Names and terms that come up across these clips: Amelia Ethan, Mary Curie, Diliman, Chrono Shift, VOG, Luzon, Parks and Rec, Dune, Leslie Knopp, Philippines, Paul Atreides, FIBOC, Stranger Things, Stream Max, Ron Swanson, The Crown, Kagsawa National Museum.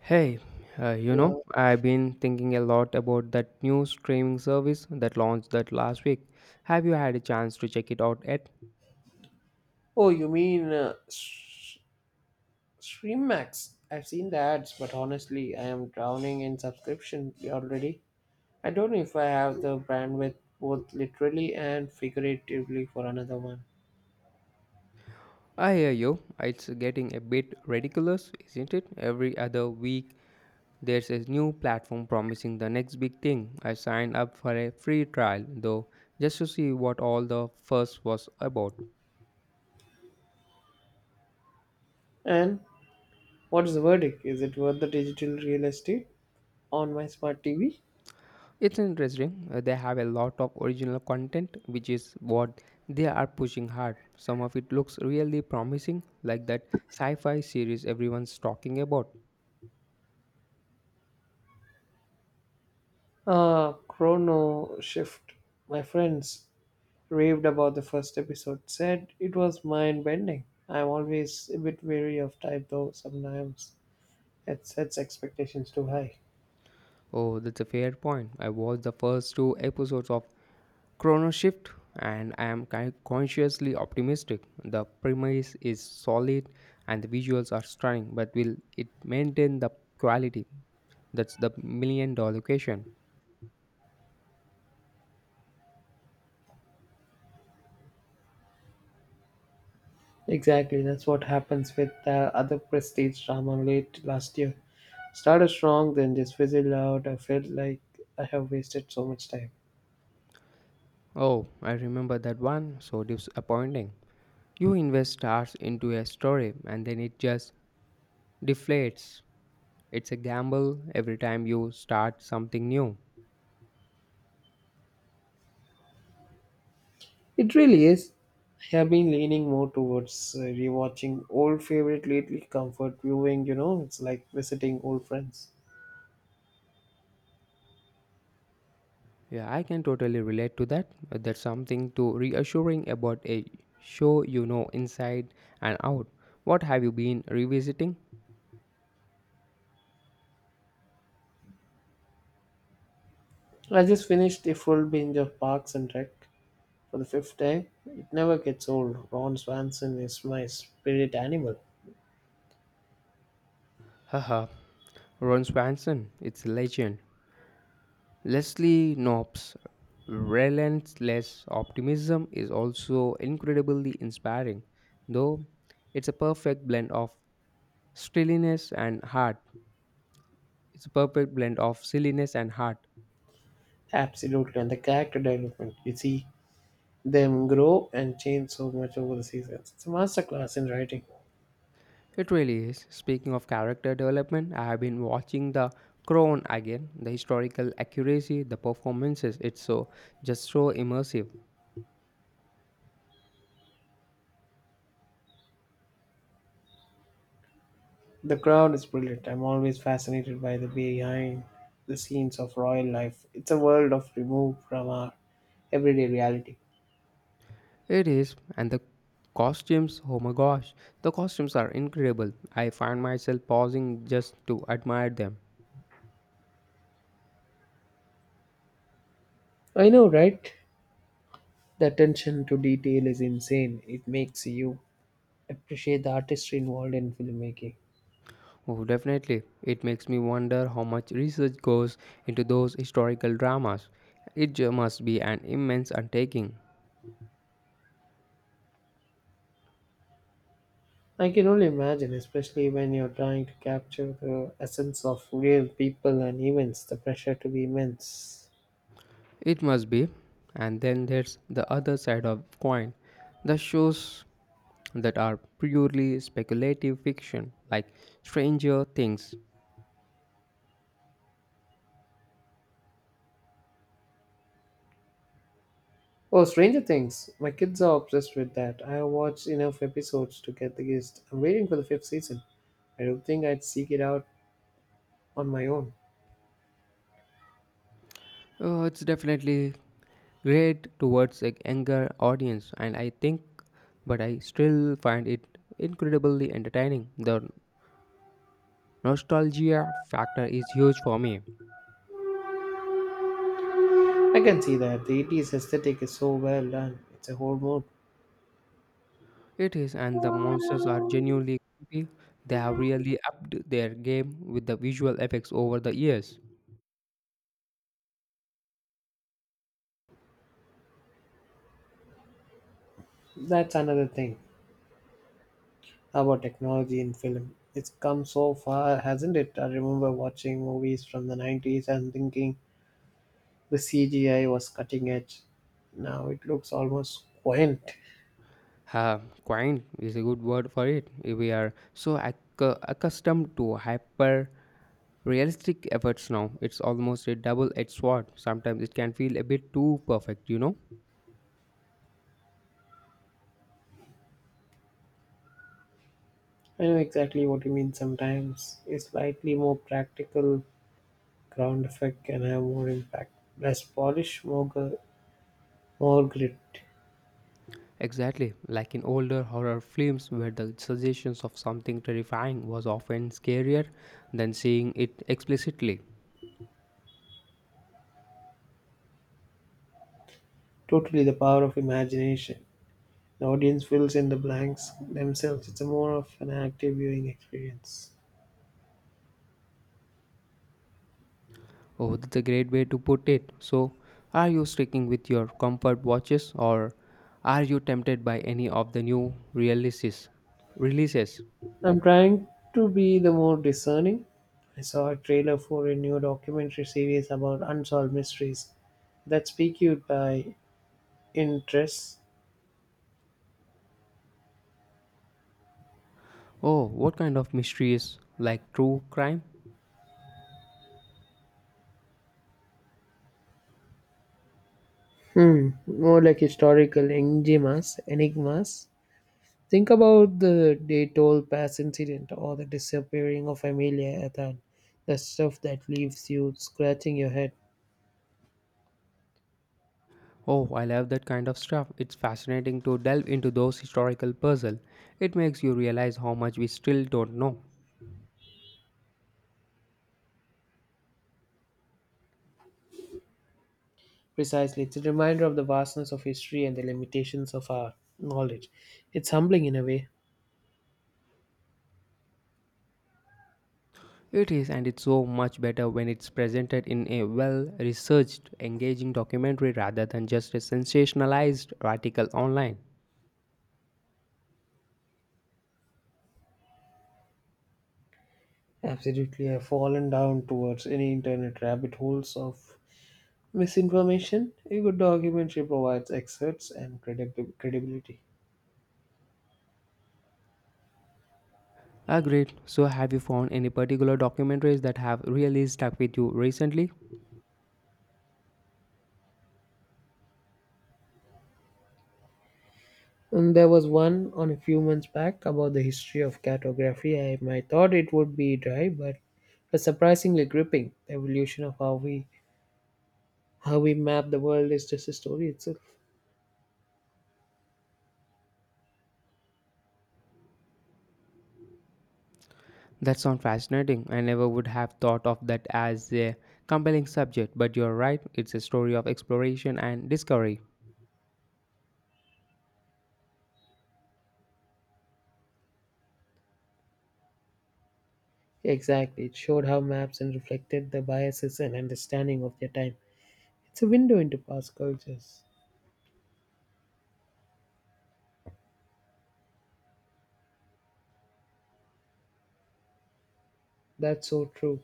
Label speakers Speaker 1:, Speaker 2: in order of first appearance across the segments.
Speaker 1: Hey,
Speaker 2: Yeah.
Speaker 1: I've been thinking a lot about that new streaming service that launched that last week. Have you had a chance to check it out yet?
Speaker 2: Oh, you mean Stream Max? I've seen the ads, but honestly, I am drowning in subscription already. I don't know if I have the bandwidth both literally and figuratively for another one.
Speaker 1: I hear you. It's getting a bit ridiculous, isn't it? Every other week, there's a new platform promising the next big thing. I signed up for a free trial, though, just to see what all the fuss was about.
Speaker 2: And what is the verdict? Is it worth the digital real estate on my smart TV?
Speaker 1: It's interesting. They have a lot of original content, which is what they are pushing hard. Some of it looks really promising, like that sci fi series everyone's talking about.
Speaker 2: Chrono Shift. My friends raved about the first episode, said it was mind bending. I'm always a bit wary of type though sometimes. It sets expectations too high.
Speaker 1: Oh, that's a fair point. I watched the first two episodes of chrono shift, and I am consciously optimistic. The premise is solid and the visuals are stunning, but will it maintain the quality? That's the million dollar question.
Speaker 2: Exactly, that's what happens with the other prestige drama late last year. Started strong, then just fizzled out. I felt like I have wasted so much time.
Speaker 1: Oh, I remember that one, so disappointing. You invest stars into a story and then it just deflates. It's a gamble every time you start something new.
Speaker 2: It really is. I have been leaning more towards rewatching old favorite lately. Comfort viewing, it's like visiting old friends.
Speaker 1: Yeah, I can totally relate to that. There's something to reassuring about a show. Inside and out. What have you been revisiting?
Speaker 2: I just finished a full binge of Parks and Rec for the fifth time. It never gets old. Ron Swanson is my spirit animal.
Speaker 1: Haha, Ron Swanson, it's a legend. Leslie Knopp's relentless optimism is also incredibly inspiring, though it's a perfect blend of silliness and heart. It's a perfect blend of silliness and heart.
Speaker 2: Absolutely, and the character development. You see them grow and change so much over the seasons. It's a masterclass in writing.
Speaker 1: It really is. Speaking of character development, I have been watching The Crown again. The historical accuracy, the performances, it's so just so immersive.
Speaker 2: The crowd is brilliant. I'm always fascinated by the behind the scenes of royal life. It's a world of removed from our everyday reality.
Speaker 1: It is, and the costumes, oh my gosh, the costumes are incredible. I find myself pausing just to admire them.
Speaker 2: I know, right? The attention to detail is insane. It makes you appreciate the artistry involved in filmmaking.
Speaker 1: Oh, definitely. It makes me wonder how much research goes into those historical dramas. It must be an immense undertaking.
Speaker 2: I can only imagine, especially when you're trying to capture the essence of real people and events, the pressure to be immense.
Speaker 1: It must be. And then there's the other side of coin, the shows that are purely speculative fiction, like Stranger Things.
Speaker 2: Oh, Stranger Things. My kids are obsessed with that. I have watched enough episodes to get the gist. I'm waiting for the fifth season. I don't think I'd seek it out on my own.
Speaker 1: Oh, it's definitely great towards a younger audience, and I think, but I still find it incredibly entertaining. The nostalgia factor is huge for me.
Speaker 2: I can see that. The 80s aesthetic is so well done. It's a whole mood.
Speaker 1: It is, and the monsters are genuinely creepy. They have really upped their game with the visual effects over the years.
Speaker 2: That's another thing about technology in film. It's come so far, hasn't it? I remember watching movies from the 90s and thinking the CGI was cutting edge. Now it looks almost quaint.
Speaker 1: Uh, Quaint is a good word for it. We are so accustomed to hyper realistic efforts now. It's almost a double edged sword. Sometimes it can feel a bit too perfect,
Speaker 2: I know exactly what you mean sometimes. It's slightly more practical ground effect can have more impact, less polish, more grit.
Speaker 1: Exactly, like in older horror films where the suggestions of something terrifying was often scarier than seeing it explicitly.
Speaker 2: Totally the power of imagination. The audience fills in the blanks themselves. It's a more of an active viewing experience.
Speaker 1: Oh, that's a great way to put it. So, are you sticking with your comfort watches or are you tempted by any of the new releases? Releases.
Speaker 2: I'm trying to be the more discerning. I saw a trailer for a new documentary series about unsolved mysteries that pique you by interest.
Speaker 1: Oh, what kind of mysteries? Like true crime?
Speaker 2: Hmm, more like historical enigmas, think about the day toll pass incident or the disappearing of Amelia Ethan, the stuff that leaves you scratching your head.
Speaker 1: Oh, I love that kind of stuff. It's fascinating to delve into those historical puzzles. It makes you realize how much we still don't know.
Speaker 2: Precisely, it's a reminder of the vastness of history and the limitations of our knowledge. It's humbling in a way.
Speaker 1: It is, and it's so much better when it's presented in a well researched, engaging documentary rather than just a sensationalized article online.
Speaker 2: Absolutely, I've fallen down towards any internet rabbit holes of misinformation. A good documentary provides excerpts and credibility.
Speaker 1: Agreed. So, have you found any particular documentaries that have really stuck with you recently?
Speaker 2: And there was one on a few months back about the history of cartography. I thought it would be dry, but it's surprisingly gripping. The evolution of how we map the world is just a story itself.
Speaker 1: That sounds fascinating. I never would have thought of that as a compelling subject, but you're right, it's a story of exploration and discovery.
Speaker 2: Exactly, it showed how maps and reflected the biases and understanding of their time. It's a window into past cultures. That's so true.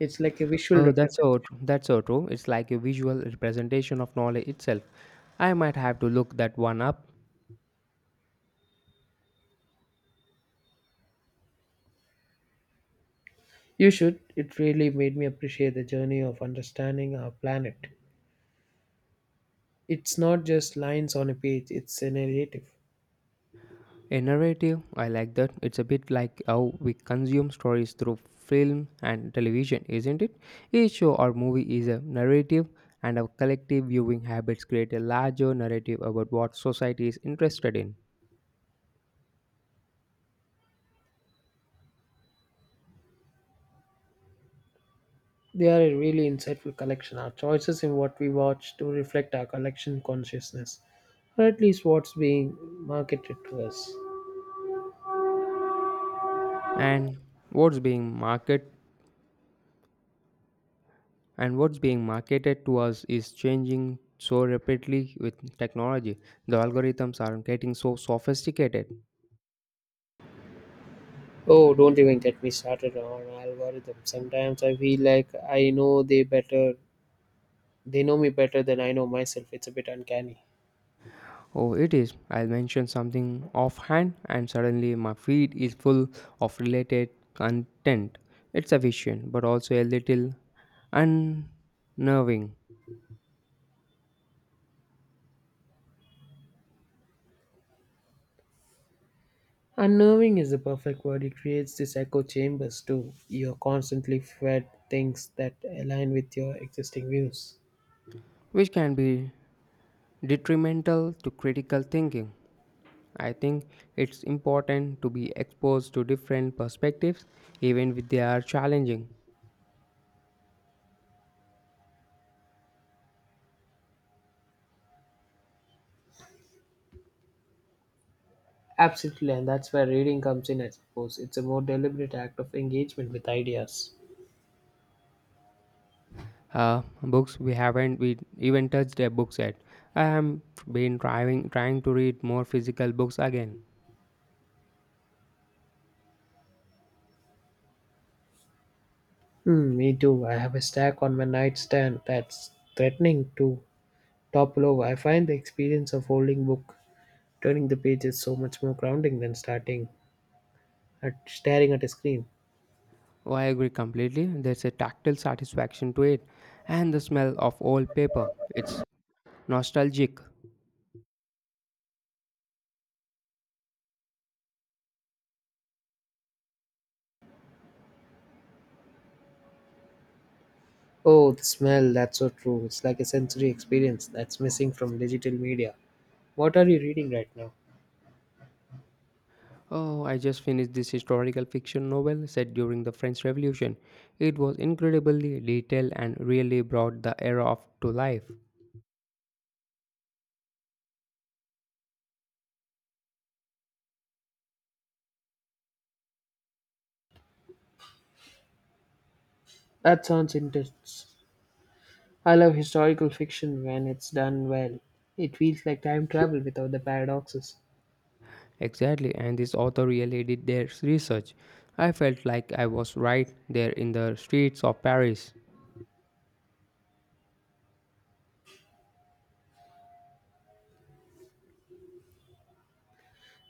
Speaker 2: It's like a visual
Speaker 1: Oh, that's
Speaker 2: representation.
Speaker 1: that's so true. It's like a visual representation of knowledge itself. I might have to look that one up.
Speaker 2: You should. It really made me appreciate the journey of understanding our planet. It's not just lines on a page, it's a narrative.
Speaker 1: A narrative, I like that. It's a bit like how we consume stories through film and television, isn't it? Each show or movie is a narrative, and our collective viewing habits create a larger narrative about what society is interested in.
Speaker 2: They are a really insightful collection. Our choices in what we watch do reflect our collection consciousness, or at least what's being marketed to us.
Speaker 1: And what's being market and what's being marketed to us is changing so rapidly with technology. The algorithms are getting so sophisticated.
Speaker 2: Oh, don't even get me started on algorithms. Sometimes I feel like I know they better, they know me better than I know myself. It's a bit uncanny.
Speaker 1: Oh, it is. I'll mention something offhand and suddenly my feed is full of related content. It's efficient but also a little unnerving.
Speaker 2: Unnerving is the perfect word. It creates this echo chambers too. You're constantly fed things that align with your existing views.
Speaker 1: Which can be detrimental to critical thinking, I think. It's important to be exposed to different perspectives, even if they are challenging.
Speaker 2: Absolutely, and that's where reading comes in, I suppose. It's a more deliberate act of engagement with ideas.
Speaker 1: Books, we haven't we even touched a book yet. I am been trying to read more physical books again.
Speaker 2: Hmm, me too. I have a stack on my nightstand that's threatening to topple over. I find the experience of holding book, turning the pages, so much more grounding than starting at staring at a screen.
Speaker 1: Oh, I agree completely. There's a tactile satisfaction to it, and the smell of old paper. It's nostalgic.
Speaker 2: Oh, the smell, that's so true. It's like a sensory experience that's missing from digital media. What are you reading right now?
Speaker 1: Oh, I just finished this historical fiction novel set during the French Revolution. It was incredibly detailed and really brought the era of to life.
Speaker 2: That sounds interesting. I love historical fiction when it's done well. It feels like time travel without the paradoxes.
Speaker 1: Exactly, and this author really did their research. I felt like I was right there in the streets of Paris.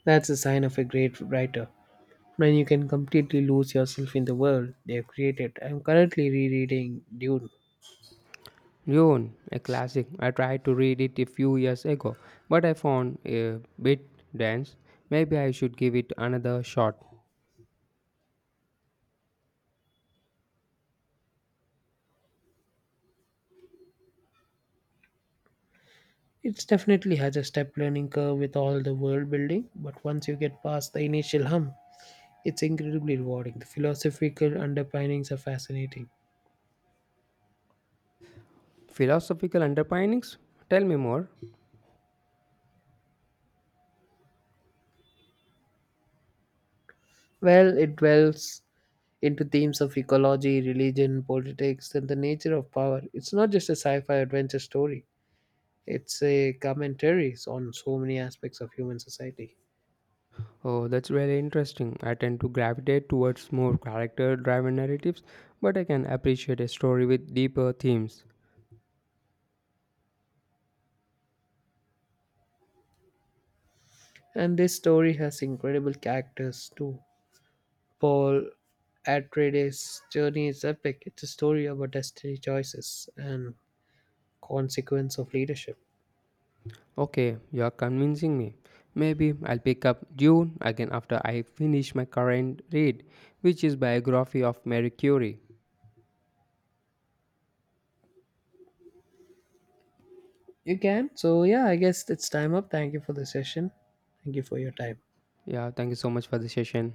Speaker 2: That's a sign of a great writer, when you can completely lose yourself in the world they have created. I'm currently rereading Dune.
Speaker 1: Lyon, a classic. I tried to read it a few years ago, but I found a bit dense. Maybe I should give it another shot.
Speaker 2: It's definitely has a step learning curve with all the world building, but once you get past the initial hump, it's incredibly rewarding. The philosophical underpinnings are fascinating.
Speaker 1: Philosophical underpinnings? Tell me more.
Speaker 2: Well, it dwells into themes of ecology, religion, politics, and the nature of power. It's not just a sci fi adventure story, it's a commentary on so many aspects of human society.
Speaker 1: Oh, that's really interesting. I tend to gravitate towards more character driven narratives, but I can appreciate a story with deeper themes.
Speaker 2: And this story has incredible characters too. Paul Atreides' journey is epic. It's a story about destiny choices and consequence of leadership.
Speaker 1: Okay, you are convincing me. Maybe I'll pick up Dune again after I finish my current read, which is biography of Mary Curie.
Speaker 2: You can? So, yeah, I guess it's time up. Thank you for the session. Thank you for your time.
Speaker 1: Yeah, thank you so much for the session.